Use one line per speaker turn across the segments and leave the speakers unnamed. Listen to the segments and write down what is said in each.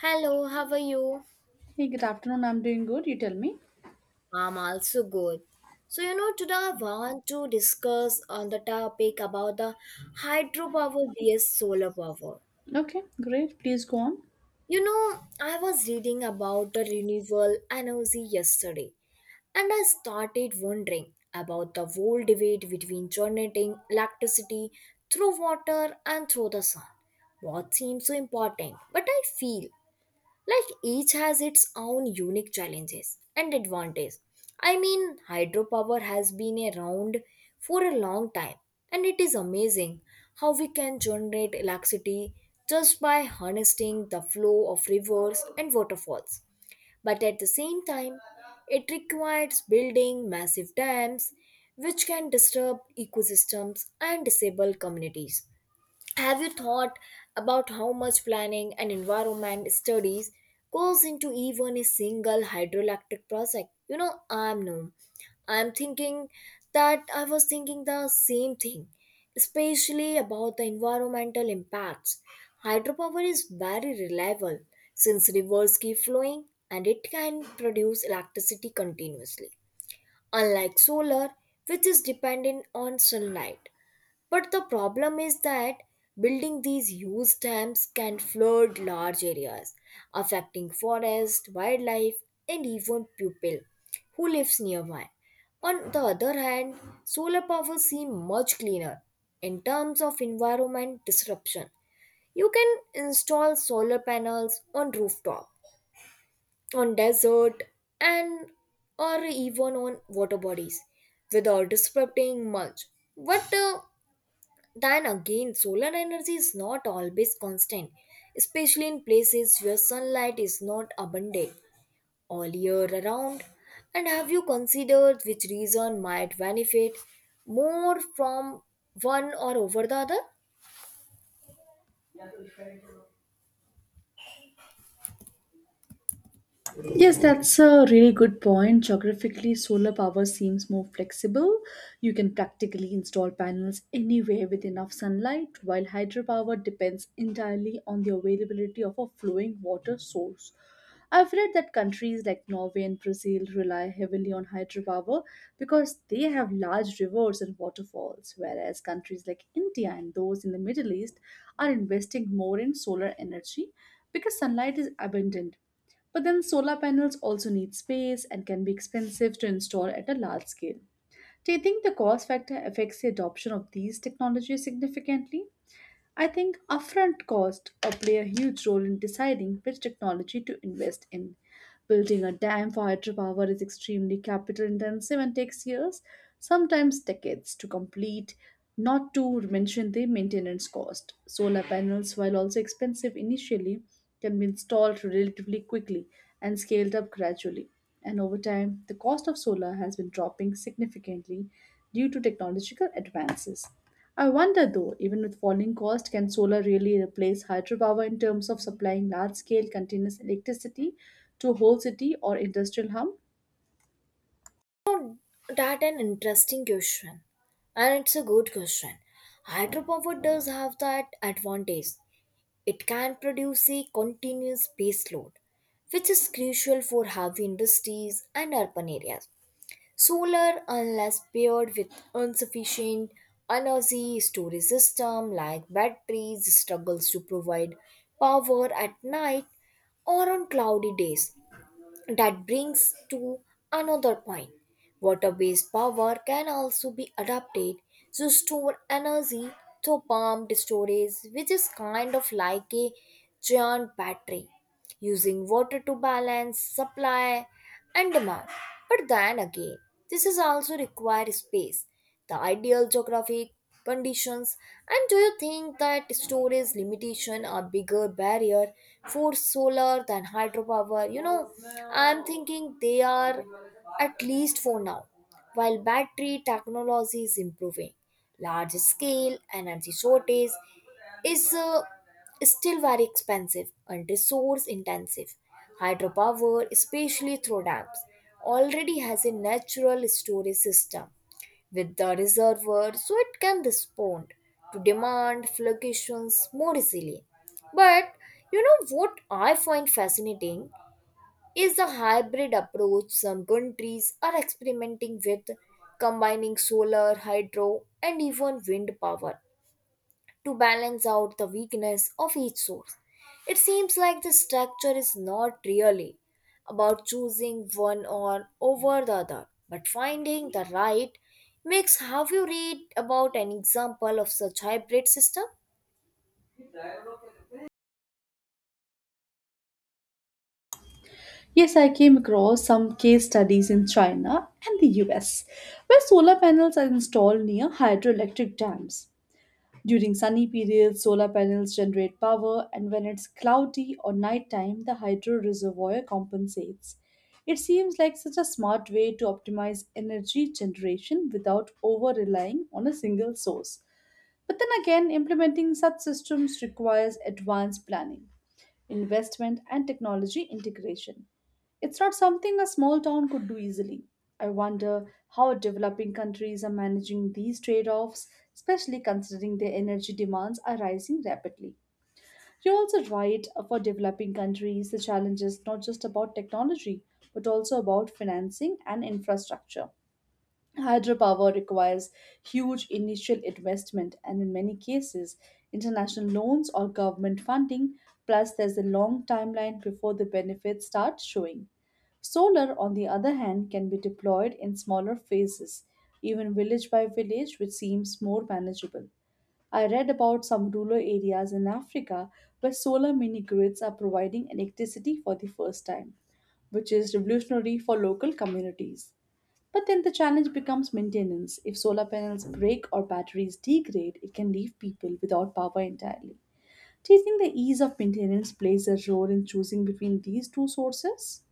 Hello, how are you?
Hey, good afternoon. I'm doing good. You tell me.
I'm also good. Today I want to discuss on the topic about the hydropower vs solar power.
Okay, great. Please go on.
You know, I was reading about the renewable energy yesterday, and I started wondering about the whole debate between generating electricity through water and through the sun. What seems so important, but I feel like each has its own unique challenges and advantages. Hydropower has been around for a long time, and it is amazing how we can generate electricity just by harnessing the flow of rivers and waterfalls. But at the same time, it requires building massive dams which can disturb ecosystems and disable communities. Have you thought about how much planning and environment studies goes into even a single hydroelectric project? You know, I'm no. I'm thinking that I was thinking the same thing, especially about the environmental impacts. Hydropower is very reliable since rivers keep flowing and it can produce electricity continuously, unlike solar, which is dependent on sunlight. But the problem is that building these huge dams can flood large areas, affecting forest, wildlife, and even people who lives nearby. On the other hand, solar power seems much cleaner in terms of environment disruption. You can install solar panels on rooftop, on desert, and or even on water bodies without disrupting much. But then again, solar energy is not always constant, especially in places where sunlight is not abundant all year around. And have you considered which region might benefit more from one or over the other?
Yes, that's a really good point. Geographically, solar power seems more flexible. You can practically install panels anywhere with enough sunlight, while hydropower depends entirely on the availability of a flowing water source. I've read that countries like Norway and Brazil rely heavily on hydropower because they have large rivers and waterfalls, whereas countries like India and those in the Middle East are investing more in solar energy because sunlight is abundant, but then solar panels also need space and can be expensive to install at a large scale. Do you think the cost factor affects the adoption of these technologies significantly? I think upfront costs play a huge role in deciding which technology to invest in. Building a dam for hydropower is extremely capital intensive and takes years, sometimes decades, to complete, not to mention the maintenance cost. Solar panels, while also expensive initially, can be installed relatively quickly and scaled up gradually. And over time, the cost of solar has been dropping significantly due to technological advances. I wonder though, even with falling cost, can solar really replace hydropower in terms of supplying large scale continuous electricity to a whole city or industrial hub?
That's an interesting question. And it's a good question. Hydropower does have that advantage. It can produce a continuous baseload, which is crucial for heavy industries and urban areas. Solar, unless paired with insufficient energy storage system like batteries, struggles to provide power at night or on cloudy days. That brings to another point. Water based power can also be adapted to store energy through pumped storage, which is kind of like a giant battery, using water to balance supply and demand. But then again, this is also require space, the ideal geographic conditions. And do you think that storage limitation are bigger barrier for solar than hydropower? I'm thinking they are, at least for now. While battery technology is improving, large scale energy shortage is still very expensive and resource intensive. Hydropower, especially through dams, already has a natural storage system with the reservoir, so it can respond to demand fluctuations more easily. But you know what I find fascinating is the hybrid approach some countries are experimenting with, combining solar, hydro, and even wind power to balance out the weakness of each source. It seems like the structure is not really about choosing one or over the other, but finding the right mix. Have you read about an example of such hybrid system?
Yes, I came across some case studies in China and the US where solar panels are installed near hydroelectric dams. During sunny periods, solar panels generate power, and when it's cloudy or nighttime, the hydro reservoir compensates. It seems like such a smart way to optimize energy generation without over relying on a single source. But then again, implementing such systems requires advanced planning, investment, and technology integration. It's not something a small town could do easily. I wonder how developing countries are managing these trade offs, especially considering their energy demands are rising rapidly. You're also right. For developing countries, the challenge is not just about technology, but also about financing and infrastructure. Hydropower requires huge initial investment and, in many cases, international loans or government funding. Plus, there's a long timeline before the benefits start showing. Solar, on the other hand, can be deployed in smaller phases, even village by village, which seems more manageable. I read about some rural areas in Africa where solar mini grids are providing electricity for the first time, which is revolutionary for local communities. But then the challenge becomes maintenance. If solar panels break or batteries degrade, it can leave people without power entirely. Do you think the ease of maintenance plays a role in choosing between these two sources?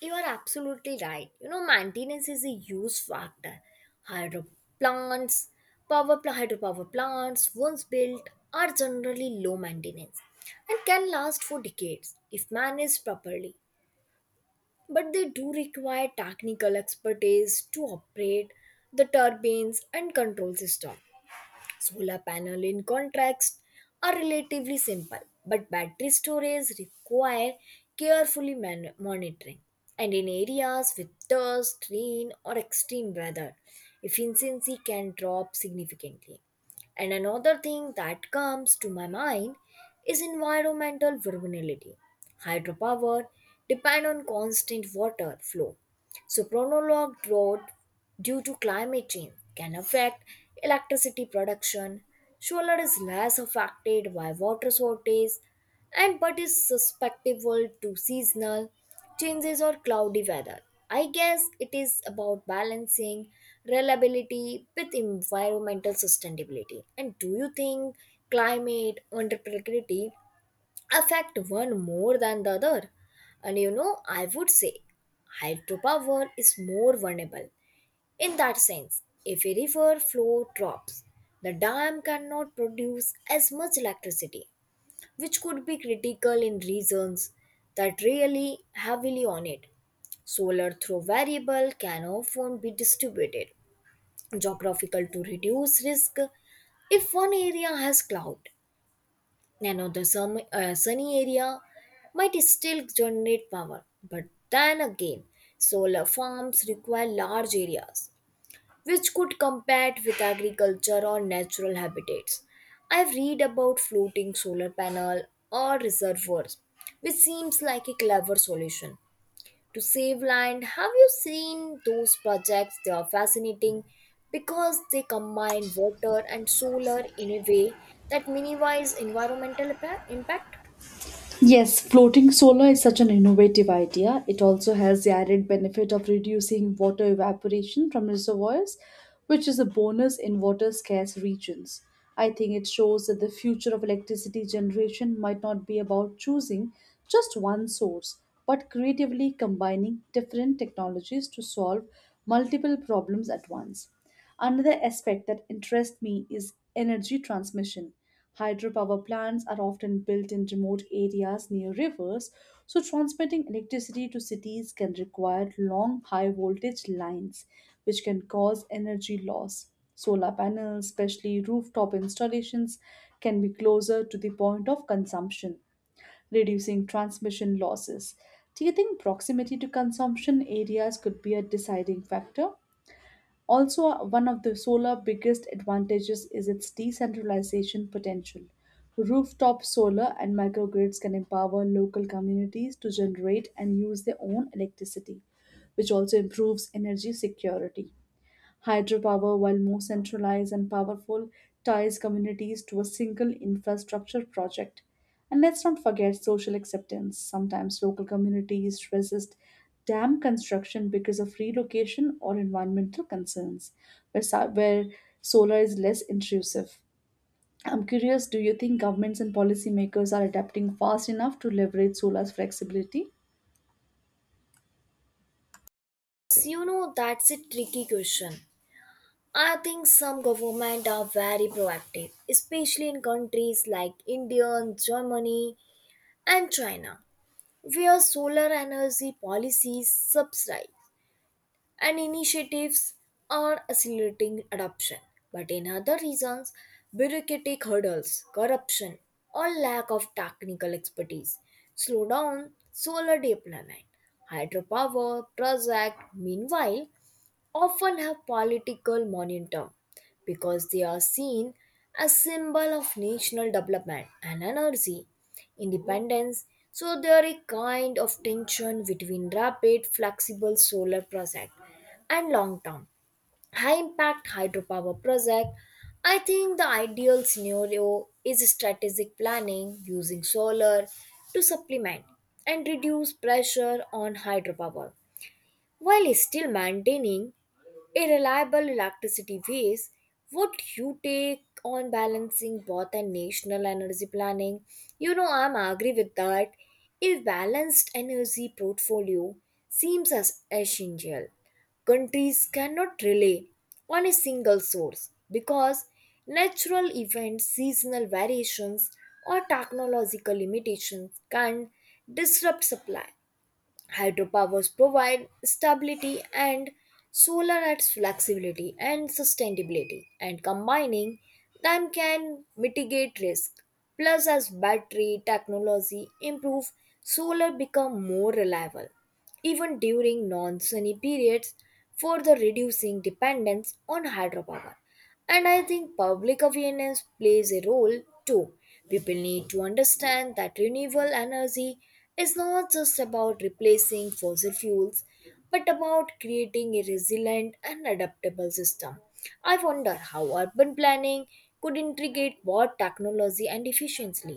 You are absolutely right. You know, maintenance is a huge factor. Hydro plants, Hydropower plants, once built, are generally low maintenance and can last for decades if managed properly. But they do require technical expertise to operate the turbines and control system. Solar panel in contrast are relatively simple, but battery storage require monitoring. And in areas with dust, rain, or extreme weather, efficiency can drop significantly. And another thing that comes to my mind is environmental vulnerability. Hydropower depend on constant water flow, so prolonged drought due to climate change can affect electricity production. Solar is less affected by water shortage, and but is susceptible to seasonal changes or cloudy weather. I guess it is about balancing reliability with environmental sustainability. And do you think climate unpredictability affect one more than the other? And you know, I would say hydropower is more vulnerable in that sense. If a river flow drops, the dam cannot produce as much electricity, which could be critical in regions that rely heavily on it. Solar through variable can often be distributed geographical to reduce risk. If one area has cloud now, the sunny area might still generate power. But then again, solar farms require large areas, which could compete with agriculture or natural habitats. I've read about floating solar panel or reservoirs, which seems like a clever solution to save land. Have you seen those projects? They are fascinating because they combine water and solar in a way that minimize impact.
Yes, floating solar is such an innovative idea. It also has the added benefit of reducing water evaporation from reservoirs, which is a bonus in water scarce regions. I think it shows that the future of electricity generation might not be about choosing just one source, but creatively combining different technologies to solve multiple problems at once. Another aspect that interests me is energy transmission. Hydropower plants are often built in remote areas near rivers, so transmitting electricity to cities can require long high voltage lines, which can cause energy loss. Solar panels, especially rooftop installations, can be closer to the point of consumption, reducing transmission losses. Do you think proximity to consumption areas could be a deciding factor? Also, one of the solar biggest advantages is its decentralization potential. Rooftop solar and microgrids can empower local communities to generate and use their own electricity, which also improves energy security. Hydropower, while more centralized and powerful, ties communities to a single infrastructure project. And let's not forget social acceptance. Sometimes local communities resist dam construction because of relocation or environmental concerns, where solar is less intrusive. I'm curious, do you think governments and policymakers are adapting fast enough to leverage solar's flexibility?
Yes. You know, that's a tricky question. I think some government are very proactive, especially in countries like India, Germany, and China, where solar energy policies subside and initiatives are accelerating adoption. But in other reasons, bureaucratic hurdles, corruption, or lack of technical expertise slow down solar deployment. Hydropower project, meanwhile, often have political momentum because they are seen as symbol of national development and energy independence. So there is a kind of tension between rapid flexible solar project and long term high impact hydropower project. I think the ideal scenario is strategic planning, using solar to supplement and reduce pressure on hydropower while still maintaining a reliable electricity base. Would you take on balancing both a national energy planning? You know, I'm agree with that. A balanced energy portfolio seems as essential. Countries cannot rely on a single source because natural events, seasonal variations, or technological limitations can disrupt supply. Hydropowers provide stability and solar adds flexibility and sustainability, and combining them can mitigate risk. Plus, as battery technology improve, solar become more reliable even during non-sunny periods, further reducing dependence on hydropower. And I think public awareness plays a role too. People need to understand that renewable energy is not just about replacing fossil fuels, but about creating a resilient and adaptable system. I wonder how urban planning could integrate both technology and efficiency.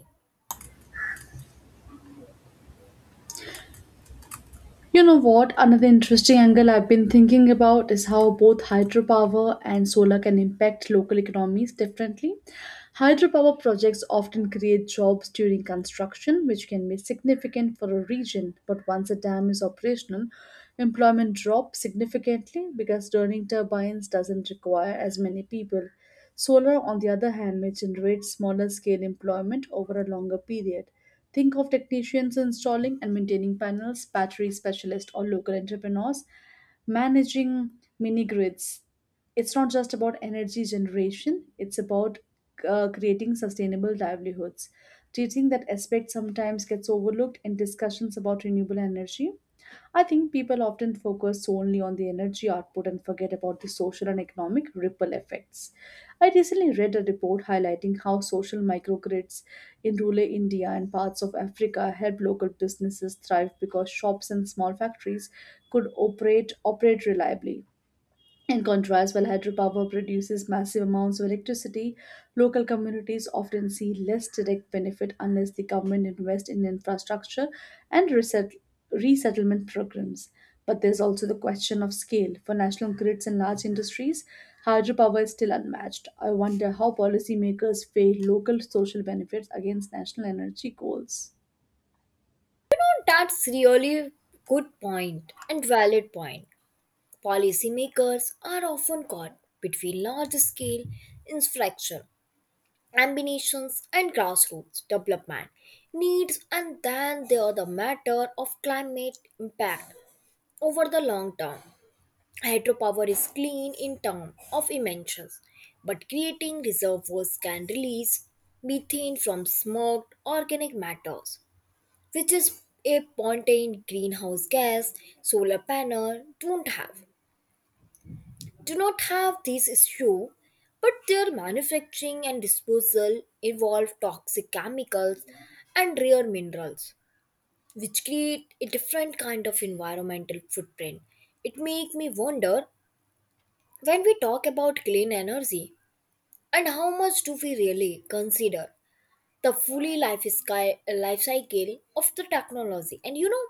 You know what? Another interesting angle I've been thinking about is how both hydropower and solar can impact local economies differently. Hydropower projects often create jobs during construction, which can be significant for a region, but once a dam is operational, employment drops significantly because turning turbines doesn't require as many people. Solar, on the other hand, may generate smaller scale employment over a longer period. Think of technicians installing and maintaining panels, battery specialists, or local entrepreneurs managing mini grids. It's not just about energy generation, it's about creating sustainable livelihoods. Do you think that aspect sometimes gets overlooked in discussions about renewable energy? I think people often focus solely on the energy output and forget about the social and economic ripple effects. I recently read a report highlighting how social microgrids in rural India and parts of Africa help local businesses thrive because shops and small factories could operate reliably. In contrast, while hydropower produces massive amounts of electricity, local communities often see less direct benefit unless the government invests in infrastructure and resettlement programs. But there's also the question of scale. For national grids and large industries, hydropower is still unmatched. I wonder how policymakers weigh local social benefits against national energy goals.
That's really good point and valid point. Policymakers are often caught between large scale infrastructure ambitions and grassroots development needs. And then there are the matter of climate impact over the long term. Hydropower is clean in terms of emissions, but creating reservoirs can release methane from smoked organic matters, which is a potent greenhouse gas solar panel don't have. Do not have this issue, but their manufacturing and disposal involve toxic chemicals and rare minerals, which create a different kind of environmental footprint. It makes me wonder, when we talk about clean energy, and how much do we really consider the fully life sky life cycle of the technology? And you know,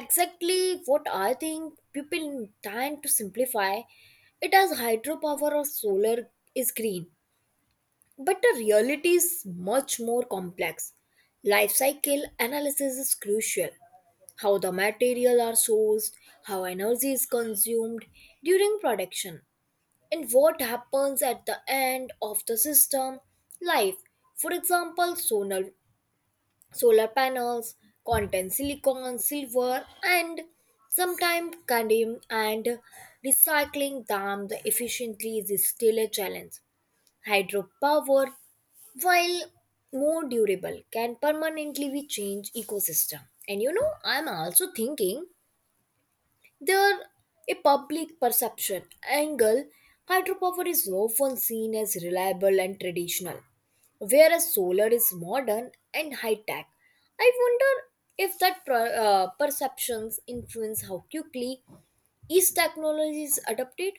exactly what I think people trying to simplify it as hydropower or solar is green. But the reality is much more complex. Life cycle analysis is crucial: how the material are sourced, how energy is consumed during production, and what happens at the end of the system life. For example, solar panels contain silicon, silver, and sometimes cadmium, and recycling them the efficiently is still a challenge. Hydropower, while more durable, can permanently be change ecosystem. And you know, I'm also thinking there a public perception angle. Hydropower is often seen as reliable and traditional, whereas solar is modern and high tech. I wonder if that perceptions influence how quickly each technology is adopted.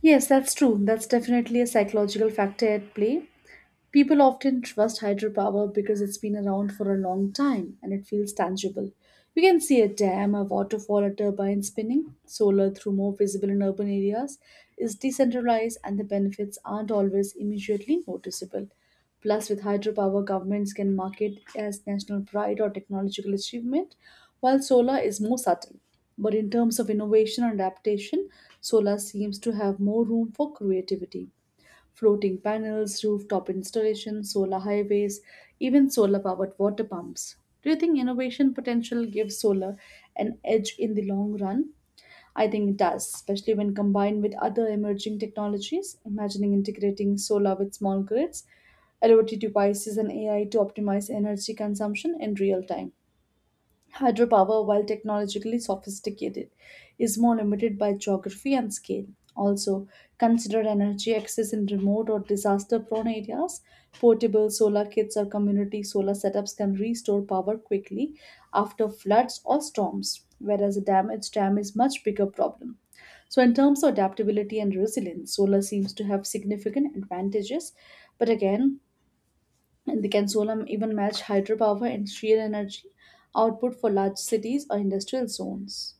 Yes, that's true. That's definitely a psychological factor at play. People often trust hydropower because it's been around for a long time and it feels tangible. You can see a dam, a waterfall, a turbine spinning. Solar, through more visible in urban areas, is decentralized and the benefits aren't always immediately noticeable. Plus, with hydropower, governments can market as national pride or technological achievement, while solar is more subtle. But in terms of innovation and adaptation, solar seems to have more room for creativity: floating panels, rooftop installations, solar highways, even solar powered water pumps. Do you think innovation potential gives solar an edge in the long run? I think it does, especially when combined with other emerging technologies. Imagining integrating solar with small grids, IoT devices, and AI to optimize energy consumption in real time. Hydropower, while technologically sophisticated, is more limited by geography and scale. Also, consider energy access in remote or disaster prone areas. Portable solar kits or community solar setups can restore power quickly after floods or storms, whereas a damaged dam is much bigger problem. So, in terms of adaptability and resilience, solar seems to have significant advantages, but again, and the Consolam even match hydropower and sheer energy output for large cities or industrial zones.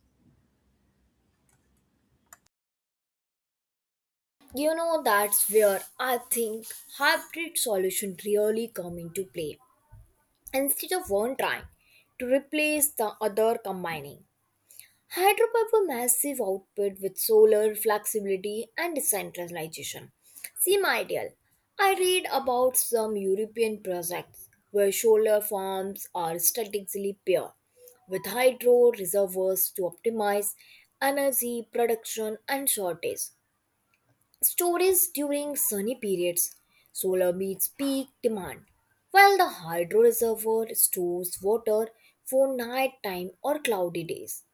You know, that's where I think hybrid solution really come into play. Instead of one trying to replace the other, combining hydro have massive output with solar flexibility and decentralization. Seem ideal. I read about some European projects where solar farms are strategically paired with hydro reservoirs to optimize energy production and shortage. Storage during sunny periods. Solar meets peak demand, while the hydro reservoir stores water for nighttime or cloudy days.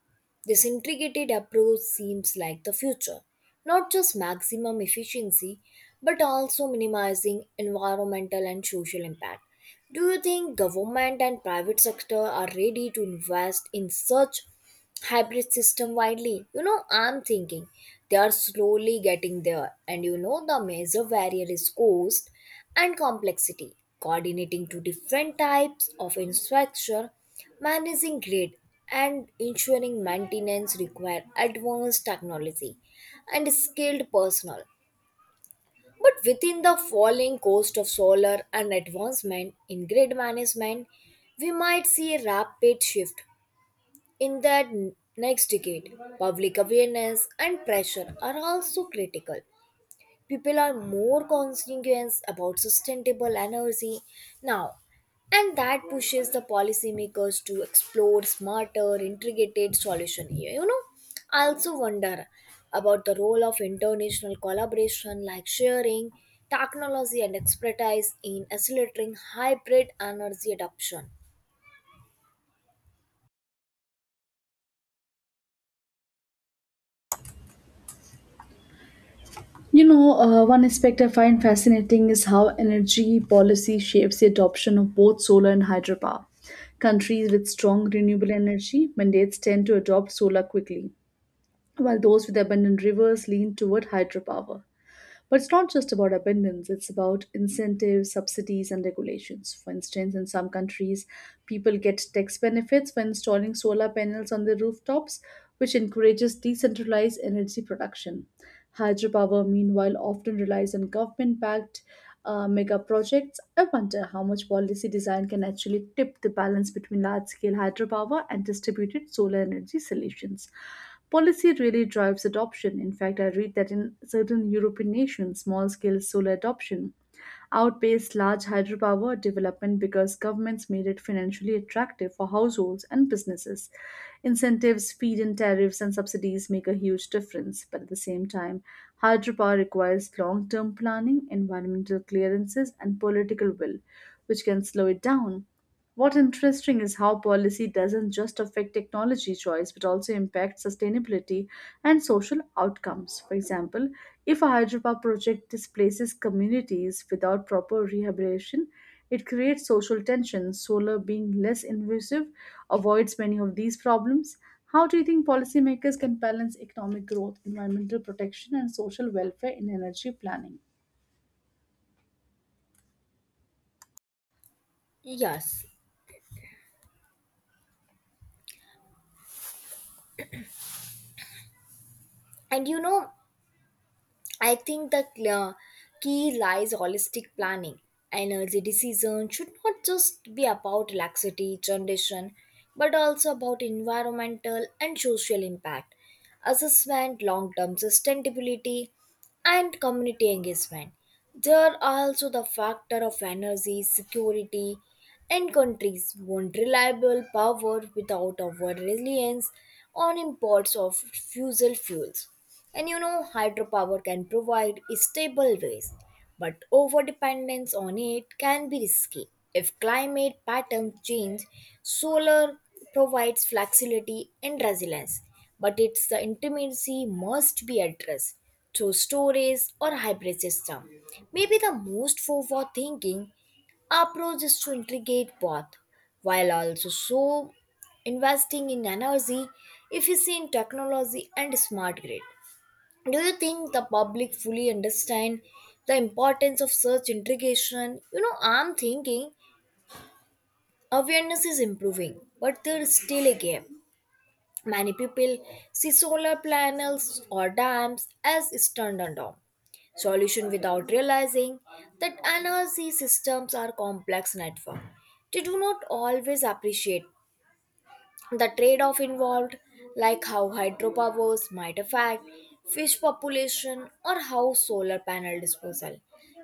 This integrated approach seems like the future, not just maximum efficiency, but also minimizing environmental and social impact. Do you think government and private sector are ready to invest in such hybrid system widely? You know, I'm thinking they are slowly getting there. And you know, the major barrier is cost and complexity. Coordinating two different types of infrastructure, managing grid, and ensuring maintenance require advanced technology and skilled personnel. But within the falling cost of solar and advancement in grid management, we might see a rapid shift in that next decade. Public awareness and pressure are also critical. People are more conscientious about sustainable energy now, and that pushes the policymakers to explore smarter integrated solution here. You know, I also wonder about the role of international collaboration, like sharing technology and expertise in accelerating hybrid energy adoption.
You know, one aspect I find fascinating is how energy policy shapes the adoption of both solar and hydropower. Countries with strong renewable energy mandates tend to adopt solar quickly, while those with abundant rivers lean toward hydropower. But it's not just about abundance, it's about incentives, subsidies, and regulations. For instance, in some countries, people get tax benefits when installing solar panels on their rooftops, which encourages decentralized energy production. Hydropower, meanwhile, often relies on government backed mega projects. I wonder how much policy design can actually tip the balance between large scale hydropower and distributed solar energy solutions. Policy really drives adoption. In fact, I read that in certain European nations, small scale solar adoption outpaced large hydropower development because governments made it financially attractive for households and businesses. Incentives, feed in tariffs, and subsidies make a huge difference, but at the same time, hydropower requires long term planning, environmental clearances, and political will, which can slow it down. What interesting is how policy doesn't just affect technology choice but also impacts sustainability and social outcomes. For example, if a hydropower project displaces communities without proper rehabilitation, it creates social tensions. Solar being less invasive avoids many of these problems. How do you think policymakers can balance economic growth, environmental protection, and social welfare in energy planning?
Yes, and you know, I think the key lies holistic planning. Energy decision should not just be about laxity, generation, but also about environmental and social impact, assessment, long-term sustainability, and community engagement. There are also the factor of energy security, and countries want reliable power without our reliance on imports of fossil fuels. And you know, hydropower can provide stable ways, but overdependence on it can be risky. If climate patterns change, solar provides flexibility and resilience, but its the intimacy must be addressed through storage or hybrid system. Maybe the most forward thinking our approach is to integrate both, while also so investing in energy efficient technology and smart grid. Do you think the public fully understand the importance of such integration? You know, I'm thinking awareness is improving, but there is still a gap. Many people see solar panels or dams as standalone solution without realizing that energy systems are complex network. They do not always appreciate the trade off involved, like how hydropowers might affect fish population or how solar panel disposal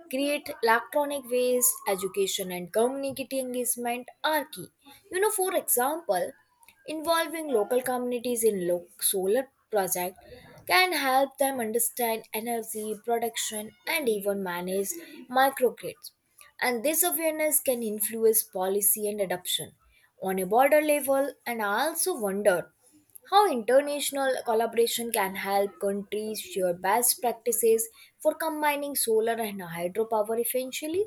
create electronic waste. Education and community engagement are key. You know, for example, involving local communities in solar project can help them understand energy production and even manage microgrids. And this awareness can influence policy and adoption on a border level. And I also wonder how international collaboration can help countries share best practices for combining solar and hydropower efficiently.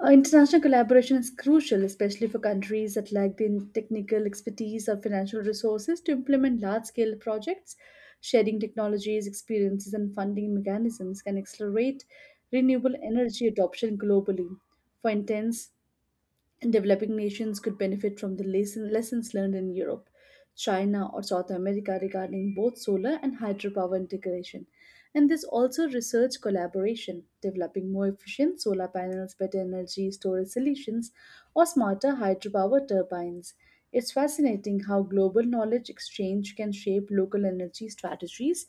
International collaboration is crucial, especially for countries that lack the technical expertise or financial resources to implement large scale projects. Sharing technologies, experiences, and funding mechanisms can accelerate renewable energy adoption globally. For instance, and developing nations could benefit from the lessons learned in Europe, China, or South America regarding both solar and hydropower integration. And there's also research collaboration, developing more efficient solar panels, better energy storage solutions, or smarter hydropower turbines. It's fascinating how global knowledge exchange can shape local energy strategies.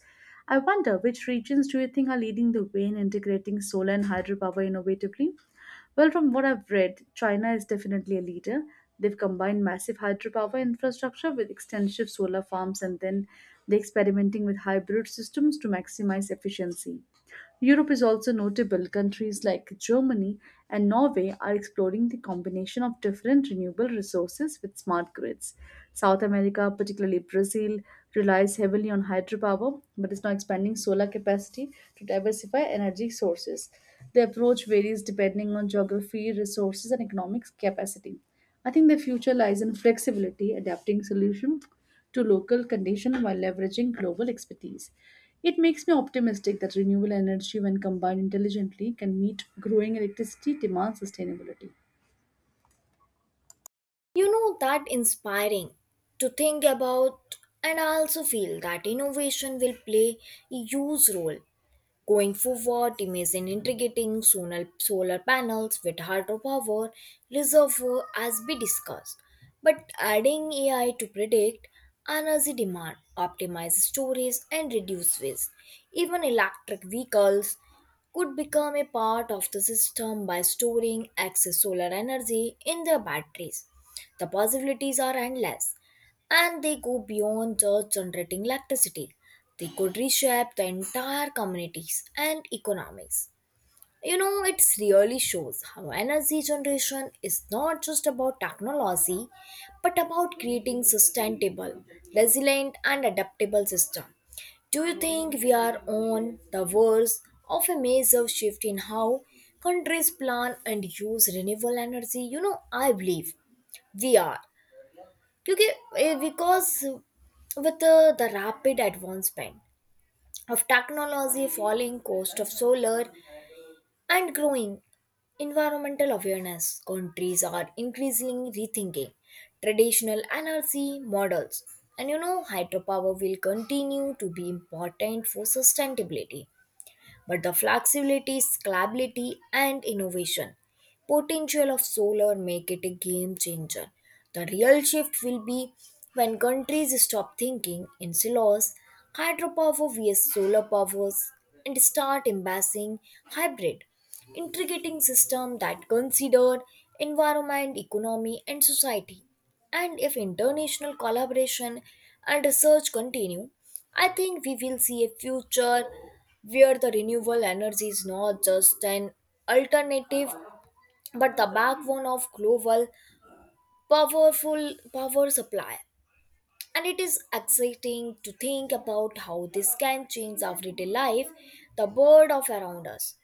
I wonder, which regions do you think are leading the way in integrating solar and hydropower innovatively? Well, from what I've read, China is definitely a leader. They've combined massive hydropower infrastructure with extensive solar farms, and then they're experimenting with hybrid systems to maximize efficiency. Europe is also notable. Countries like Germany and Norway are exploring the combination of different renewable resources with smart grids. South America, particularly Brazil, relies heavily on hydropower but is now expanding solar capacity to diversify energy sources. The approach varies depending on geography, resources, and economic capacity. I think the future lies in flexibility, adapting solutions to local conditions while leveraging global expertise. It makes me optimistic that renewable energy, when combined intelligently, can meet growing electricity demand sustainability.
You know, that inspiring to think about. And I also feel that innovation will play a huge role going forward. Imagine integrating solar panels with hydropower reservoir as we discussed, but adding AI to predict energy demand, optimize storage, and reduce waste. Even electric vehicles could become a part of the system by storing excess solar energy in their batteries. The possibilities are endless, and they go beyond just generating electricity. They could reshape the entire communities and economies. You know, it really shows how energy generation is not just about technology, but about creating sustainable, resilient, and adaptable system. Do you think we are on the verge of a major shift in how countries plan and use renewable energy? You know, I believe we are. Because with the rapid advancement of technology, falling cost of solar, and growing environmental awareness, countries are increasingly rethinking traditional energy models. And you know, hydropower will continue to be important for sustainability, but the flexibility, scalability, and innovation potential of solar make it a game changer. The real shift will be when countries stop thinking in silos, hydropower vs solar powers, and start embracing hybrid, integrating system that consider environment, economy, and society. And if international collaboration and research continue, I think we will see a future where the renewable energy is not just an alternative, but the backbone of global powerful power supply. And it is exciting to think about how this can change everyday life, the world of around us.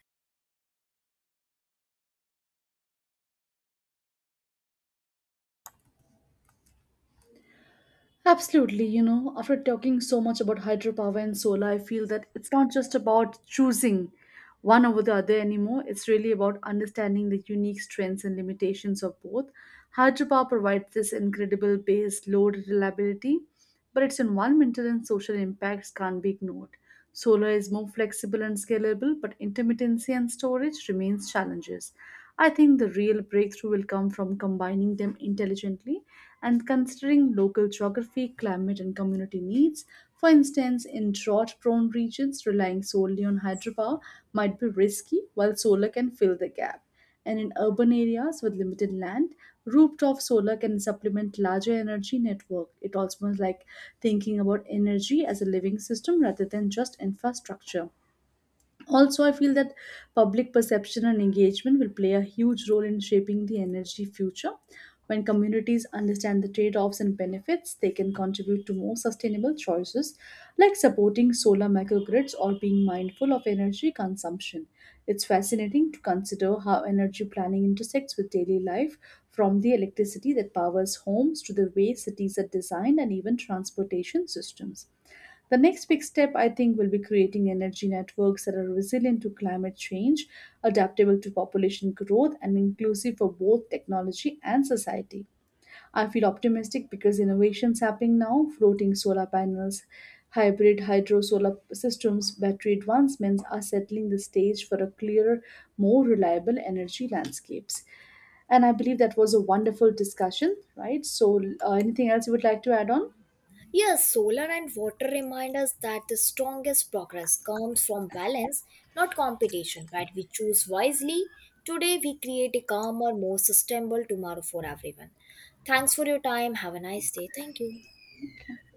Absolutely, you know, after talking so much about hydropower and solar, I feel that it's not just about choosing one over the other anymore. It's really about understanding the unique strengths and limitations of both. Hydropower provides this incredible base load reliability, but its environmental and social impacts can't be ignored. Solar is more flexible and scalable, but intermittency and storage remains challenges. I think the real breakthrough will come from combining them intelligently and considering local geography, climate, and community needs. For instance, in drought prone regions, relying solely on hydropower might be risky, while solar can fill the gap. And in urban areas with limited land, rooftop solar can supplement larger energy network. It also means like thinking about energy as a living system rather than just infrastructure. Also, I feel that public perception and engagement will play a huge role in shaping the energy future. When communities understand the trade offs and benefits, they can contribute to more sustainable choices like supporting solar microgrids or being mindful of energy consumption. It's fascinating to consider how energy planning intersects with daily life, from the electricity that powers homes to the way cities are designed and even transportation systems. The next big step, I think, will be creating energy networks that are resilient to climate change, adaptable to population growth, and inclusive for both technology and society. I feel optimistic because innovations happening now, floating solar panels, hybrid hydro solar systems, battery advancements are settling the stage for a clearer, more reliable energy landscapes. And I believe that was a wonderful discussion, right? So, anything else you would like to add on?
Yes, solar and water remind us that the strongest progress comes from balance, not competition. Right, we choose wisely today, we create a calmer, more sustainable tomorrow for everyone. Thanks for your time. Have a nice day. Thank you.
Okay.